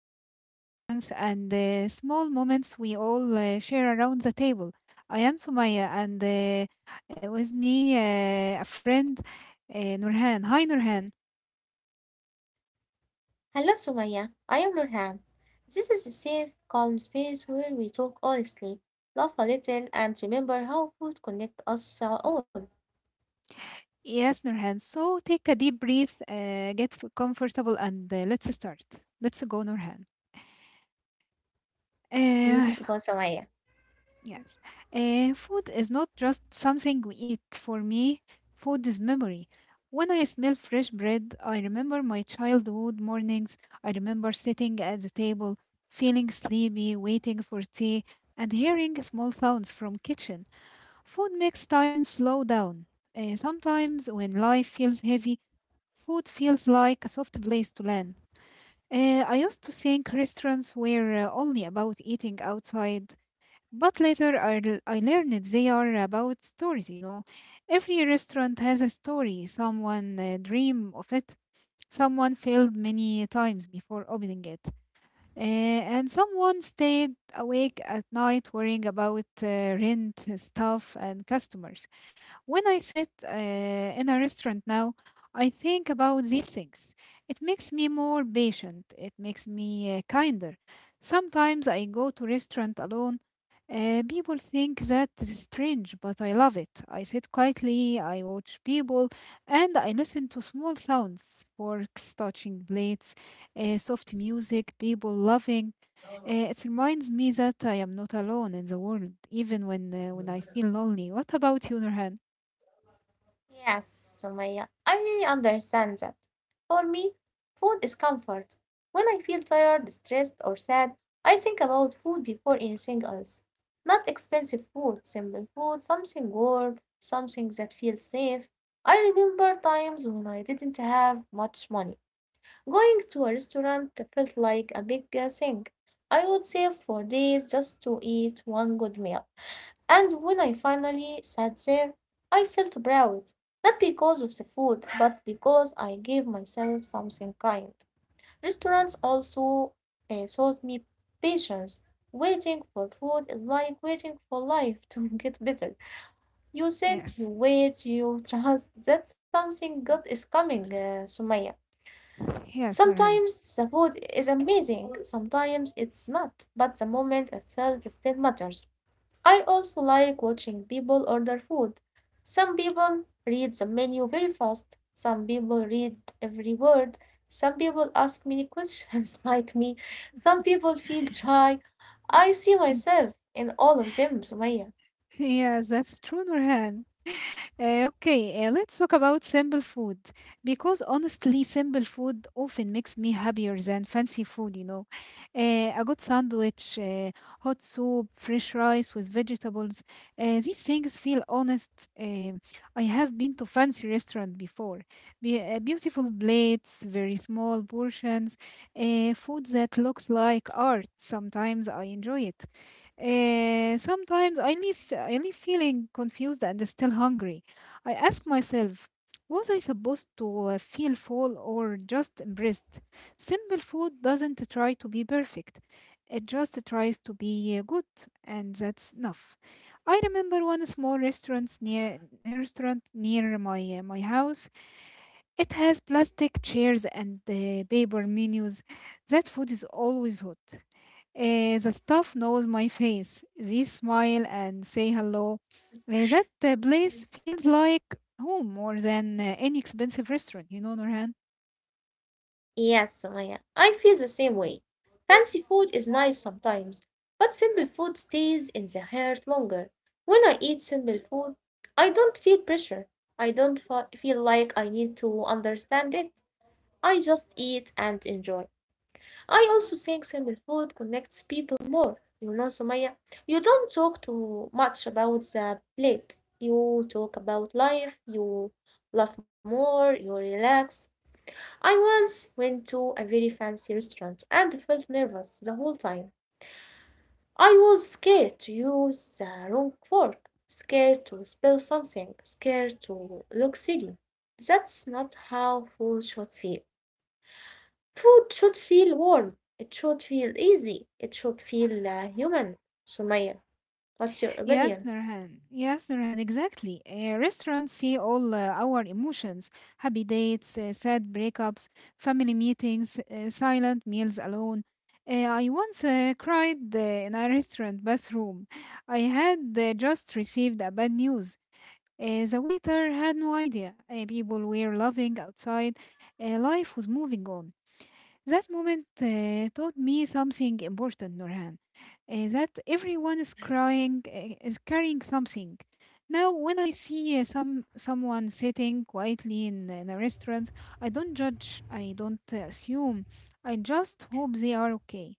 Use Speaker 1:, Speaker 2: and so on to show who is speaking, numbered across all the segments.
Speaker 1: food, restaurants, and small moments we all share around the table. I am Sumaya, and with me, a friend, Nurhan. Hi, Nurhan.
Speaker 2: Hello, Sumaya. I am Nurhan. This is a safe, calm space where we talk honestly, laugh a little, and remember how food connects us all.
Speaker 1: Yes, Nurhan. So take a deep breath, comfortable, and let's start. Let's go, Nurhan. Uh,
Speaker 2: Let's go, Sumaya.
Speaker 1: Yes. Food is not just something we eat. For me, food is memory. When I smell fresh bread, I remember my childhood mornings. I remember sitting at the table, feeling sleepy, waiting for tea, and hearing small sounds from kitchen. Food makes time slow down. Sometimes when life feels heavy, food feels like a soft place to land. I used to think restaurants were only about eating outside, but later I learned they are about stories, you know. Every restaurant has a story. Someone dream of it. Someone failed many times before opening it. And someone stayed awake at night worrying about rent, staff, and customers. When I sit in a restaurant now, I think about these things. It makes me more patient. It makes me kinder. Sometimes I go to restaurant alone. People think that is strange, but I love it. I sit quietly, I watch people, and I listen to small sounds, forks touching plates, soft music, people laughing. It reminds me that I am not alone in the world, even when I feel lonely. What about you, Nurhan?
Speaker 2: Yes, Sumaya. I really understand that. For me, food is comfort. When I feel tired, stressed, or sad, I think about food before anything else. Not expensive food, simple food, something warm, something that feels safe. I remember times when I didn't have much money. Going to a restaurant felt like a big thing. I would save for days just to eat one good meal. And when I finally sat there, I felt proud, not because of the food, but because I gave myself something kind. Restaurants also taught me patience. Waiting for food is like waiting for life to get better. You sit, you
Speaker 1: Yes.
Speaker 2: wait, you trust that something good is coming, Sumaya.
Speaker 1: Yes, Nurhan.
Speaker 2: Sometimes the food is amazing, sometimes it's not, but the moment itself still matters. I also like watching people order food. Some people read the menu very fast, some people read every word, some people ask many questions like me, some people feel shy. I see myself in all of them, Sumaya.
Speaker 1: Yes, that's true, Nurhan. Okay, let's talk about simple food because honestly, simple food often makes me happier than fancy food, you know. A good sandwich, hot soup, fresh rice with vegetables, these things feel honest. I have been to fancy restaurant before. Be- beautiful plates, very small portions, food that looks like art. Sometimes I enjoy it. Sometimes I leave feeling confused and still hungry. I ask myself, was I supposed to feel full or just impressed? Simple food doesn't try to be perfect. It just tries to be good, and that's enough. I remember one small restaurant near my house. It has plastic chairs and paper menus. That food is always hot. The staff knows my face. They smile and say hello. That place feels like home more than any expensive restaurant, you know, Norhan.
Speaker 2: Yes, Sumaya, I feel the same way. Fancy food is nice sometimes, but simple food stays in the heart longer. When I eat simple food, I don't feel pressure. I don't fe- feel like I need to understand it. I just eat and enjoy. I also think simple food connects people more. You know, Sumaya, you don't talk too much about the plate. You talk about life, you laugh more, you relax. I once went to a very fancy restaurant and felt nervous the whole time. I was scared to use the wrong fork, scared to spill something, scared to look silly. That's not how food should feel. Food should feel warm, it should feel easy, it should feel human. Sumaya, what's your
Speaker 1: Yes,
Speaker 2: opinion?
Speaker 1: Nurhan. Yes, Nurhan, exactly. Restaurants see all our emotions, happy dates, sad breakups, family meetings, silent meals alone. I once cried in a restaurant bathroom. I had just received a bad news. The waiter had no idea. People were laughing outside. Life was moving on. That moment taught me something important, Nurhan. That everyone is
Speaker 2: Yes.
Speaker 1: crying, is carrying something. Now, when I see someone sitting quietly in a restaurant, I don't judge, I don't assume, I just hope they are okay.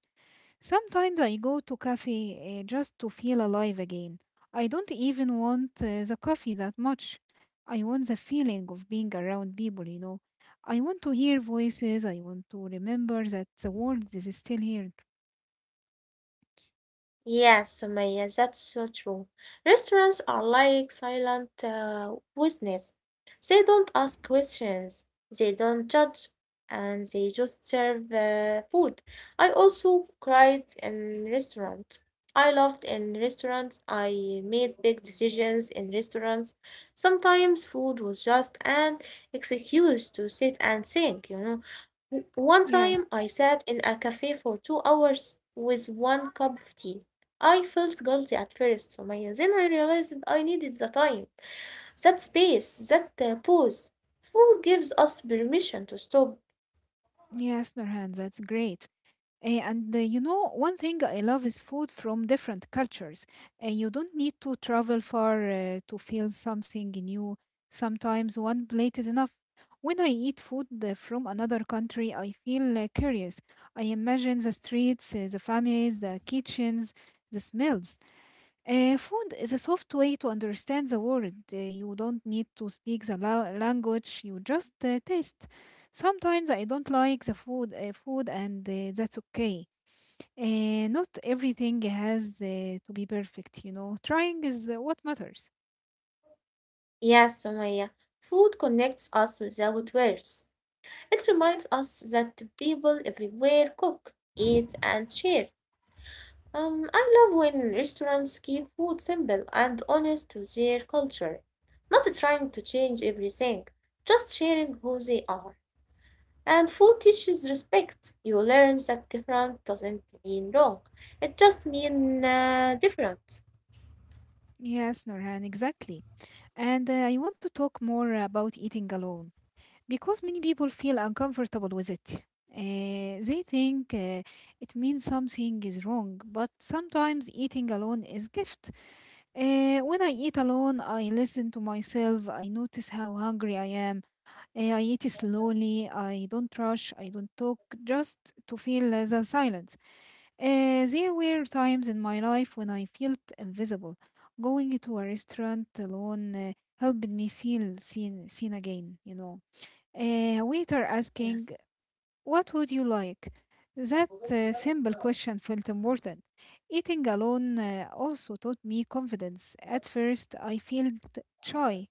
Speaker 1: Sometimes I go to cafe just to feel alive again. I don't even want the coffee that much. I want the feeling of being around people, you know. I want to hear voices. I want to remember that the world is still here.
Speaker 2: Yes, Sumaya, that's so true. Restaurants are like silent witness. They don't ask questions, they don't judge, and they just serve food. I also cried in restaurants. I loved in restaurants. I made big decisions in restaurants. Sometimes food was just an excuse to sit and think, you know. One time
Speaker 1: Yes,
Speaker 2: I sat in a cafe for two hours with one cup of tea. I felt guilty at first, Sumaya. Then I realized I needed the time, that space, that pause. Food gives us permission to stop.
Speaker 1: yes, Nurhan, that's great. And you know, one thing I love is food from different cultures. And you don't need to travel far to feel something new. Sometimes one plate is enough. When I eat food from another country, I feel curious. I imagine the streets, the families, the kitchens, the smells. Food is a soft way to understand the world. You don't need to speak the language, you just taste. Sometimes I don't like the food, and that's okay. Not everything has to be perfect, you know. Trying is what matters.
Speaker 2: Yes, Sumaya, food connects us without words. It reminds us that people everywhere cook, eat, and share. I love when restaurants keep food simple and honest to their culture, not trying to change everything, just sharing who they are. And food teaches respect. You learn that different doesn't mean wrong. It just means different.
Speaker 1: Yes, Norhan, exactly. And I want to talk more about eating alone because many people feel uncomfortable with it. They think it means something is wrong, but sometimes eating alone is gift. When I eat alone, I listen to myself. I notice how hungry I am. I eat slowly. I don't rush. I don't talk just to feel the silence. There were times in my life when I felt invisible. Going to a restaurant alone helped me feel seen again, you know. Waiter asking,
Speaker 2: Yes.
Speaker 1: "What would you like?" That simple question felt important. Eating alone also taught me confidence. At first, I felt shy.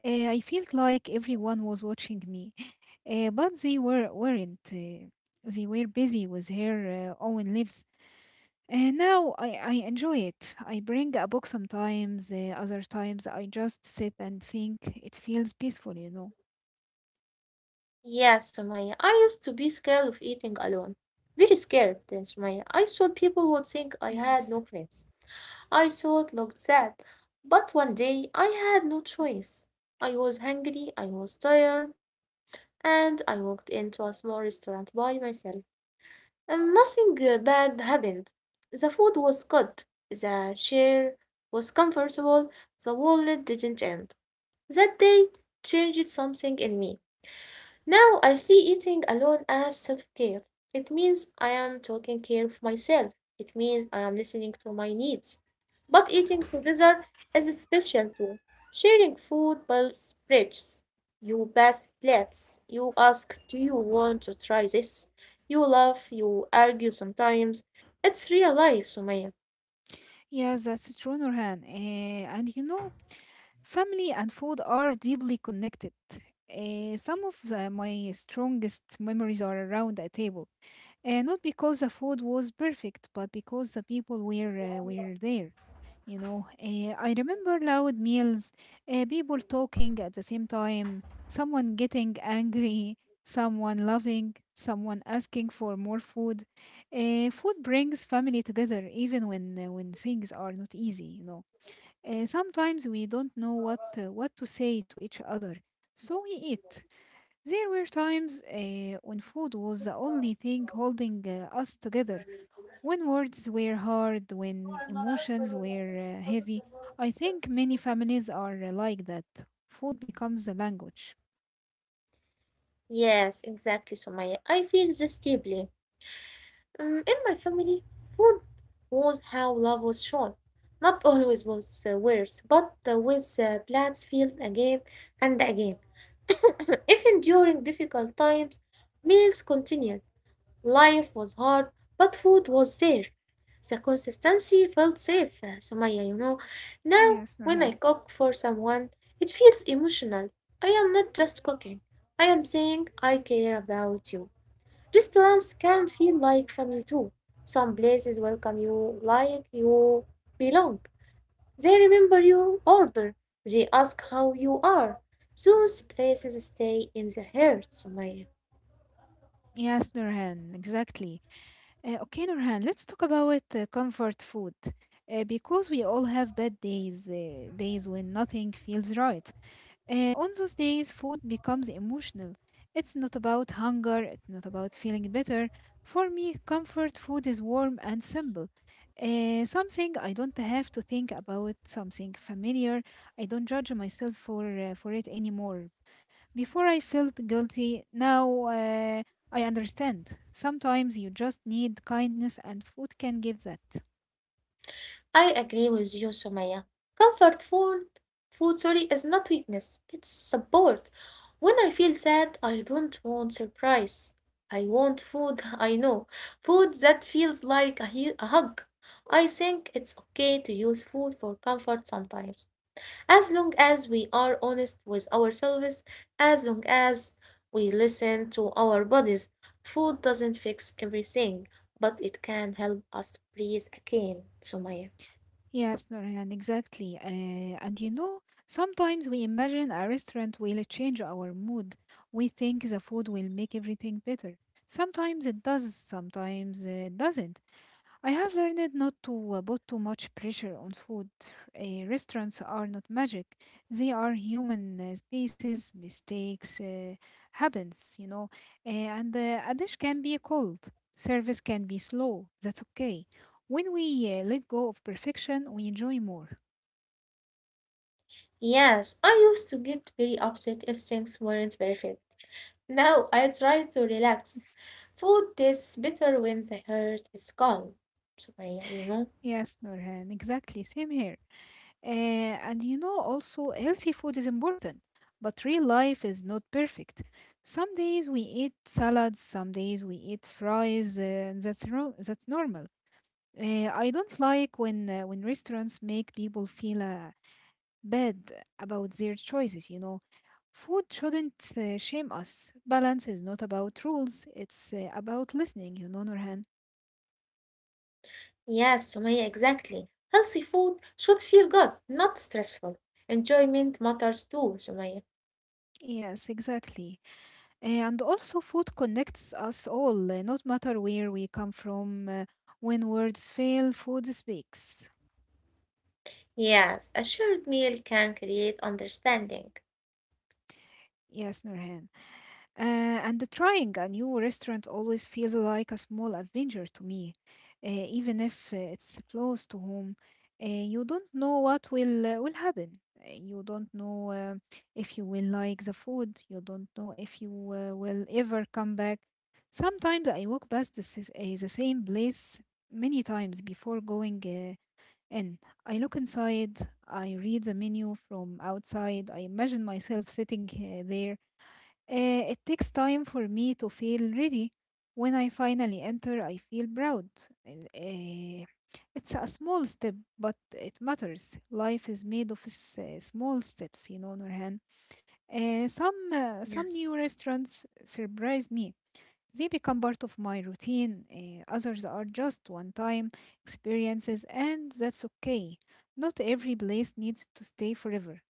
Speaker 1: I felt like everyone was watching me. But they weren't. They were busy with their own lives. Now I enjoy it. I bring a book sometimes, other times I just sit and think. It feels peaceful, you know.
Speaker 2: Yes, Sumaya, I used to be scared of eating alone. Very scared, Sumaya. I thought people would think I had no
Speaker 1: Yes.
Speaker 2: friends. I thought looked sad, but one day I had no choice. I was hungry, I was tired, and I walked into a small restaurant by myself. And nothing bad happened. The food was good, the chair was comfortable, the wallet didn't end. That day changed something in me. Now I see eating alone as self care. It means I am taking care of myself. It means I am listening to my needs. But eating together is special too. Sharing food builds bridges. You pass plates. You ask, "Do you want to try this?" You laugh. You argue sometimes. It's real life, Sumaya.
Speaker 1: Yes, that's true, Nurhan. And you know, family and food are deeply connected. Some of my strongest memories are around a table, not because the food was perfect, but because the people were there. You know, I remember loud meals, people talking at the same time, someone getting angry, someone loving, someone asking for more food. Food brings family together, even when things are not easy, you know. Sometimes we don't know what to say to each other, so we eat. There were times when food was the only thing holding us together, when words were hard, when emotions were heavy. I think many families are like that. Food becomes the language.
Speaker 2: Yes, exactly, Sumaya. I feel this deeply. In my family, food was how love was shown. Not always was worse, but with plans filled again and again. Even during difficult times, meals continued. Life was hard, but food was there. The consistency felt safe, Sumaya, you know. Now,
Speaker 1: Yes,
Speaker 2: when I
Speaker 1: Nurhan.
Speaker 2: cook for someone, it feels emotional. I am not just cooking, I am saying I care about you. Restaurants can feel like family too. Some places welcome you like you belong. They remember your order. They ask how you are. Those places stay in the heart, Sumaya.
Speaker 1: Yes, Nurhan, exactly. Okay, Nurhan, let's talk about comfort food. Because we all have bad days, days when nothing feels right. On those days, food becomes emotional. It's not about hunger, it's not about feeling better. For me, comfort food is warm and simple. Something I don't have to think about, something familiar. I don't judge myself for it anymore. Before I felt guilty, now I understand. Sometimes you just need kindness, and food can give that.
Speaker 2: I agree with you, Sumaya. Comfort food, food, sorry, is not weakness. It's support. When I feel sad, I don't want surprise. I want food. I know food that feels like a hug. I think it's okay to use food for comfort sometimes, as long as we are honest with ourselves, as long as we listen to our bodies. Food doesn't fix everything, but it can help us breathe again, Sumaya.
Speaker 1: Yes, Norhan, exactly. And you know, sometimes we imagine a restaurant will change our mood. We think the food will make everything better. Sometimes it does, sometimes it doesn't. I have learned not to put too much pressure on food. Restaurants are not magic. They are human spaces. Mistakes happens, you know. Uh, and a dish can be cold. Service can be slow. That's okay. When we let go of perfection, we enjoy more.
Speaker 2: Yes, I used to get very upset if things weren't perfect. Now I try to relax. Food tastes better when the heart is calm. Sumaya, you know?
Speaker 1: Yes, Norhan, exactly. Same here. And you know, also, healthy food is important, but real life is not perfect. Some days we eat salads, some days we eat fries, and that's normal. I don't like when restaurants make people feel bad about their choices, you know. Food shouldn't shame us. Balance is not about rules, it's about listening, you know, Norhan.
Speaker 2: Yes, Sumaya, exactly. Healthy food should feel good, not stressful. Enjoyment matters too, Sumaya.
Speaker 1: Yes, exactly. And also, food connects us all, not matter where we come from. When words fail, food speaks.
Speaker 2: Yes, a shared meal can create understanding.
Speaker 1: Yes, Nurhan. Uh, and trying a new restaurant always feels like a small adventure to me, even if it's close to home. You don't know what will happen. You don't know if you will like the food. You don't know if you will ever come back. Sometimes I walk past the same place many times before going in. I look inside. I read the menu from outside. I imagine myself sitting there. Uh, it takes time for me to feel ready. When I finally enter, I feel proud. And, it's a small step, but it matters. Life is made of small steps, you know, Nurhan. Some some new
Speaker 2: Yes.
Speaker 1: restaurants surprise me. They become part of my routine. Others are just one-time experiences, and that's okay. Not every place needs to stay forever.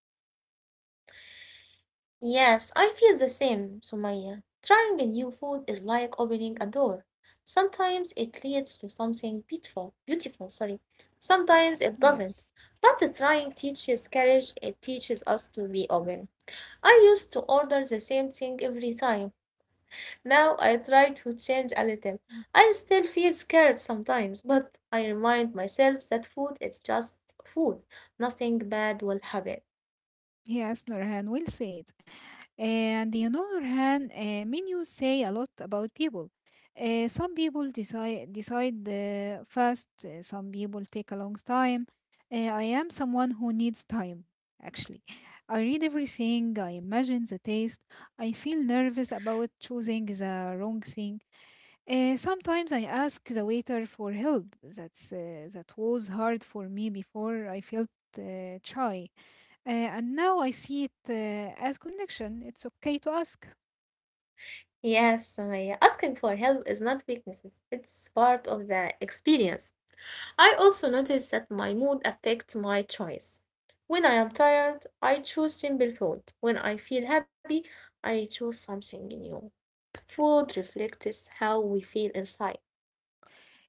Speaker 2: Yes, I feel the same, Sumaya. Trying a new food is like opening a door. Sometimes it leads to something beautiful, beautiful, sorry. Sometimes it doesn't.
Speaker 1: Yes.
Speaker 2: But the trying teaches courage, it teaches us to be open. I used to order the same thing every time. Now I try to change a little. I still feel scared sometimes, but I remind myself that food is just food. Nothing bad will happen.
Speaker 1: Yes, Nurhan, will say it. And you know, Nurhan, menus say a lot about people. Some people decide fast. Some people take a long time. I am someone who needs time. Actually, I read everything. I imagine the taste. I feel nervous about choosing the wrong thing. Sometimes I ask the waiter for help. That's that was hard for me before. I felt shy. And now I see it as connection. It's okay to ask.
Speaker 2: Yes, Sumaya, asking for help is not weakness, it's part of the experience. I also notice that my mood affects my choice. When I am tired, I choose simple food. When I feel happy, I choose something new. Food reflects how we feel inside.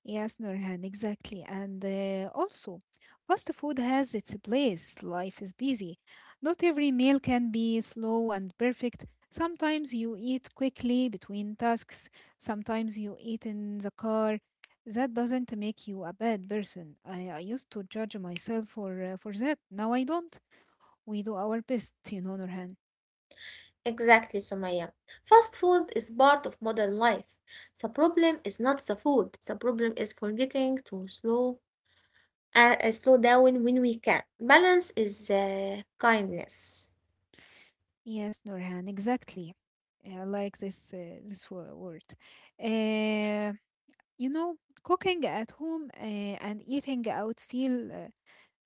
Speaker 1: Yes, Nurhan, exactly. And also, fast food has its place. Life is busy. Not every meal can be slow and perfect. Sometimes you eat quickly between tasks, sometimes you eat in the car. That doesn't make you a bad person. I used to judge myself for that. Now I don't. We do our best, you know, Nurhan.
Speaker 2: Exactly, Sumaya. Fast food is part of modern life. The problem is not the food, the problem is forgetting to slow down when we can. Balance is kindness.
Speaker 1: Yes, Norhan, exactly. I like this this word. Uh, you know, cooking at home and eating out feel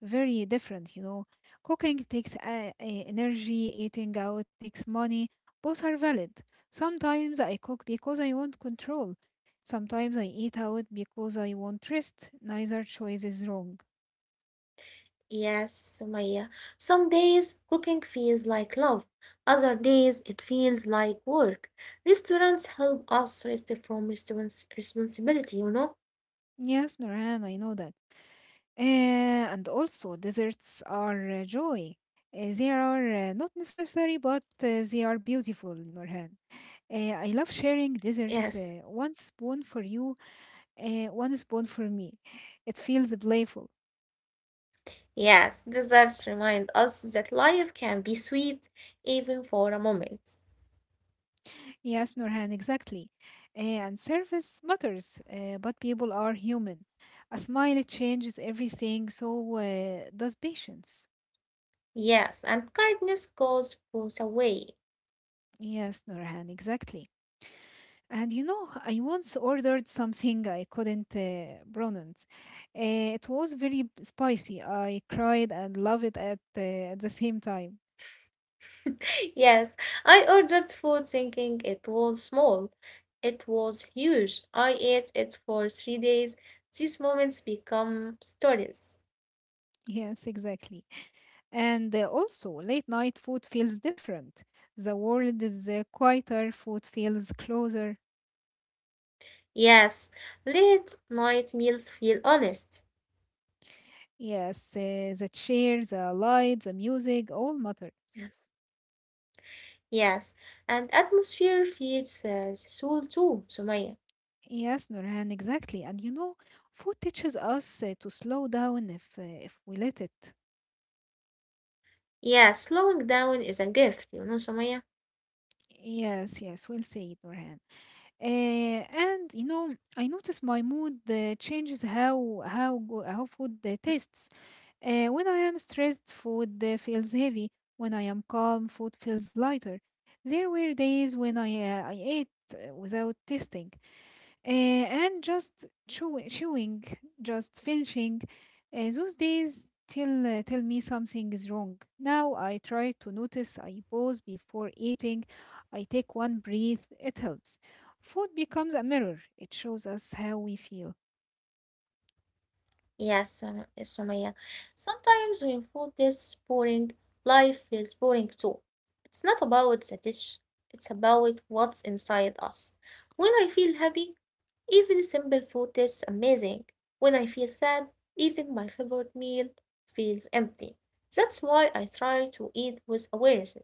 Speaker 1: very different. You know, cooking takes energy, eating out takes money. Both are valid. Sometimes I cook because I want control. Sometimes I eat out because I want rest. Neither choice is wrong.
Speaker 2: Yes, Sumaya. Some days cooking feels like love. Other days it feels like work. Restaurants help us rest from response responsibility, you know?
Speaker 1: Yes, Norhan, I know that. Uh, and also, deserts are joy. They are not necessary, but they are beautiful, Nurhan. I love sharing dessert.
Speaker 2: Yes.
Speaker 1: One spoon for you, one spoon for me. It feels playful.
Speaker 2: Yes, desserts remind us that life can be sweet even for a moment.
Speaker 1: Yes, Nurhan, exactly. And service matters, but people are human. A smile changes everything, so does patience.
Speaker 2: Yes, and kindness goes both away.
Speaker 1: Yes, Nurhan, exactly. And you know, I once ordered something I couldn't pronounce. It was very spicy. I cried and loved it at the same time.
Speaker 2: Yes, I ordered food thinking it was small. It was huge. I ate it for three days. These moments become stories.
Speaker 1: Yes, exactly. And also, late night food feels different. The world is quieter, food feels closer.
Speaker 2: Yes, late night meals feel honest.
Speaker 1: Yes, the chairs, the lights, the music, all matter.
Speaker 2: Yes. Yes, and atmosphere feeds the soul too, Sumaya.
Speaker 1: Yes, Nurhan, exactly. And you know, food teaches us to slow down if we let it.
Speaker 2: Yeah, slowing down is a gift, you know, Sumaya.
Speaker 1: Yes, yes, we'll say it, Nurhan. Uh, and you know, I notice my mood changes how food tastes. When I am stressed, food feels heavy. When I am calm, food feels lighter. There were days when I ate without tasting and just chewing, just finishing. Those days tell me something is wrong. Now I try to notice. I pause before eating. I take one breath. It helps. Food becomes a mirror. It shows us how we feel.
Speaker 2: Sumaya. Sometimes when food is boring, life feels boring too. It's not about the dish, it's about what's inside us. When I feel happy, even simple food tastes amazing. When I feel sad, even my favorite meal feels empty. That's why I try to eat with awareness,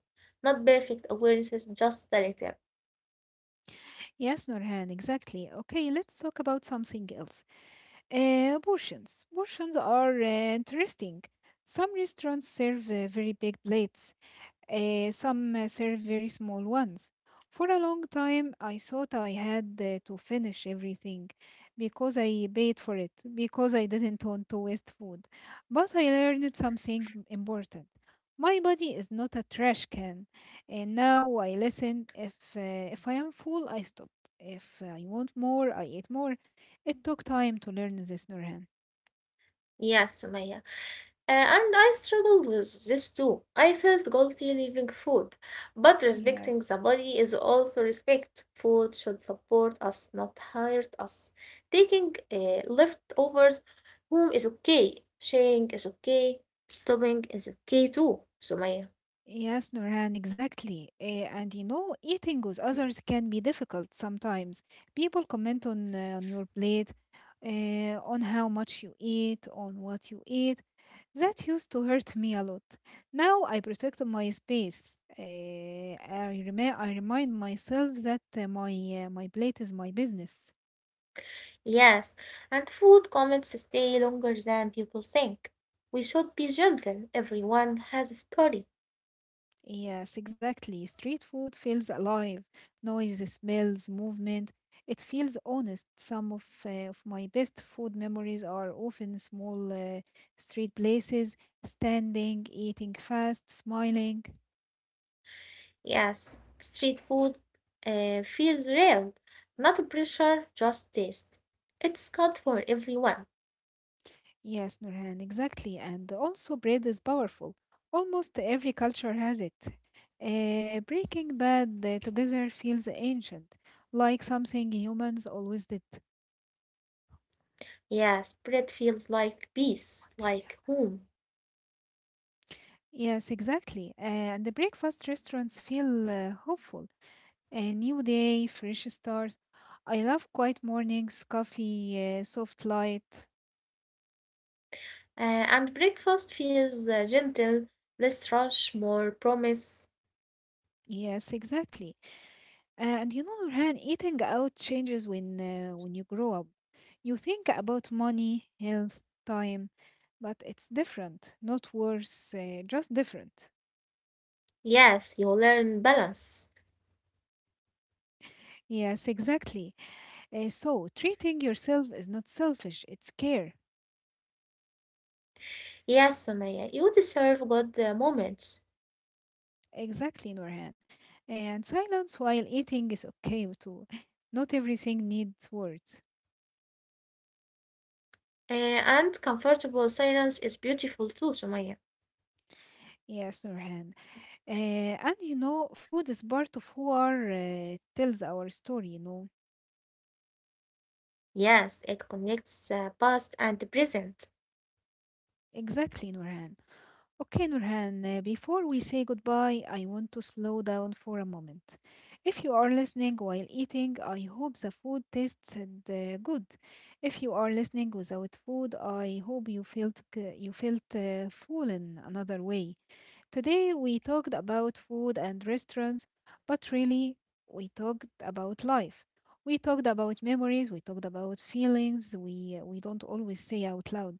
Speaker 2: not perfect awareness, just a little.
Speaker 1: Yes, Norhan, exactly. Okay, let's talk about something else. Portions. Portions are interesting. Some restaurants serve very big plates. Some serve very small ones. For a long time, I thought I had to finish everything because I paid for it, because I didn't want to waste food. But I learned something important. My body is not a trash can, and now I listen. If I am full, I stop. If I want more, I eat more. It took time to learn this, Nurhan.
Speaker 2: Yes, Sumaya. And I struggled with this too. I felt guilty leaving food, but respecting the
Speaker 1: Yes.
Speaker 2: body is also respect. Food should support us, not hurt us. Taking leftovers home is okay. Sharing is okay. Stopping is okay too, Sumaya.
Speaker 1: Yes, Nurhan, exactly. And you know, eating with others can be difficult sometimes. People comment on your plate, on how much you eat, on what you eat. That used to hurt me a lot. Now I protect my space. I remind myself that my plate is my business.
Speaker 2: Yes, and food comments stay longer than people think. We should be gentle. Everyone has a story.
Speaker 1: Yes, exactly. Street food feels alive. Noise, smells, movement. It feels honest. Some of my best food memories are often small street places, standing, eating fast, smiling.
Speaker 2: Yes, street food feels real, not pressure, just taste. It's good for everyone.
Speaker 1: Yes, Nurhan, exactly. And also, bread is powerful. Almost every culture has it. Breaking Bad together feels ancient, like something humans always did.
Speaker 2: Yes, bread feels like peace, like home.
Speaker 1: Yes, exactly. And the breakfast restaurants feel hopeful. A new day, fresh stars. I love quiet mornings, coffee, soft light.
Speaker 2: Uh, and breakfast feels gentle, less rush, more promise.
Speaker 1: Yes, exactly. And you know, Nurhan, eating out changes when you grow up. You think about money, health, time, but it's different, not worse, just different.
Speaker 2: Yes, you learn balance.
Speaker 1: Yes, exactly. So treating yourself is not selfish; it's care.
Speaker 2: Yes, Samaya, you deserve good moments.
Speaker 1: Exactly, Nurhan. And silence while eating is okay too. Not everything needs words.
Speaker 2: And comfortable silence is beautiful too, Sumaya.
Speaker 1: Yes, Nurhan. Uh, and you know, food is part of who are tells our story, you know.
Speaker 2: Yes, it connects past and present.
Speaker 1: Exactly, Nurhan. Okay, Nurhan. Before we say goodbye, I want to slow down for a moment. If you are listening while eating, I hope the food tasted good. If you are listening without food, I hope you felt you felt full in another way. Today we talked about food and restaurants, but really we talked about life. We talked about memories, we talked about feelings we don't always say out loud.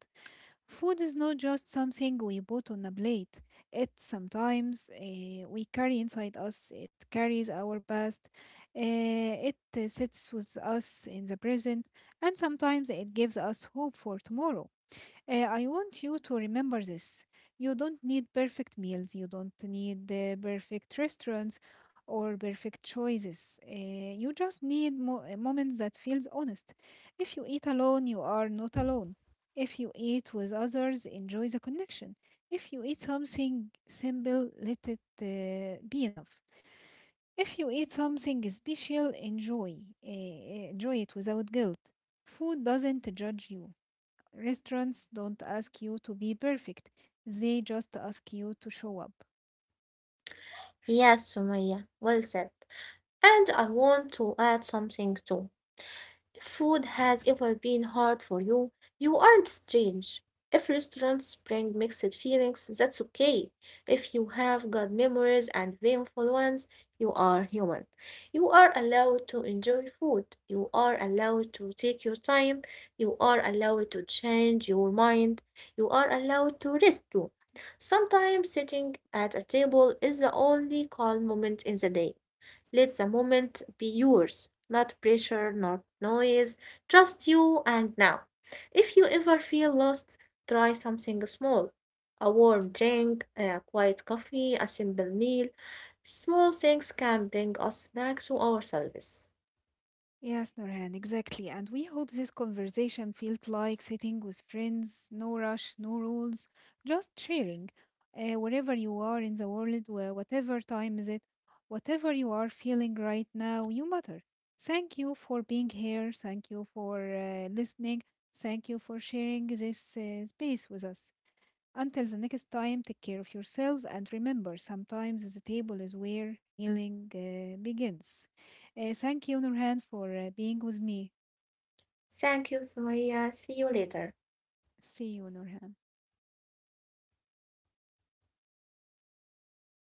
Speaker 1: Food is not just something we put on a plate. It sometimes we carry inside us. It carries our past. It sits with us in the present, and sometimes it gives us hope for tomorrow. I want you to remember this. You don't need perfect meals, you don't need the perfect restaurants or perfect choices. You just need moments that feels honest. If you eat alone, you are not alone. If you eat with others, enjoy the connection. If you eat something simple, let it be enough. If you eat something special, enjoy. Enjoy it without guilt. Food doesn't judge you. Restaurants don't ask you to be perfect, they just ask you to show up.
Speaker 2: Yes, Sumaya, well said. And I want to add something too. If food has ever been hard for you, you aren't strange. If restaurants bring mixed feelings, that's okay. If you have good memories and painful ones, you are human. You are allowed to enjoy food. You are allowed to take your time. You are allowed to change your mind. You are allowed to rest too. Sometimes sitting at a table is the only calm moment in the day. Let the moment be yours, not pressure, not noise, just you and now. If you ever feel lost, try something small: a warm drink, a quiet coffee, a simple meal. Small things can bring us back to ourselves.
Speaker 1: Yes, Norhan, exactly. And we hope this conversation felt like sitting with friends, no rush, no rules, just sharing. Wherever you are in the world, whatever time is it, whatever you are feeling right now, you matter. Thank you for being here. Thank you for listening. Thank you for sharing this space with us. Until the next time, take care of yourself and remember sometimes the table is where healing begins. Thank you, Nurhan, for being with me.
Speaker 2: Thank you, Sumaya. See you later.
Speaker 1: See you, Nurhan.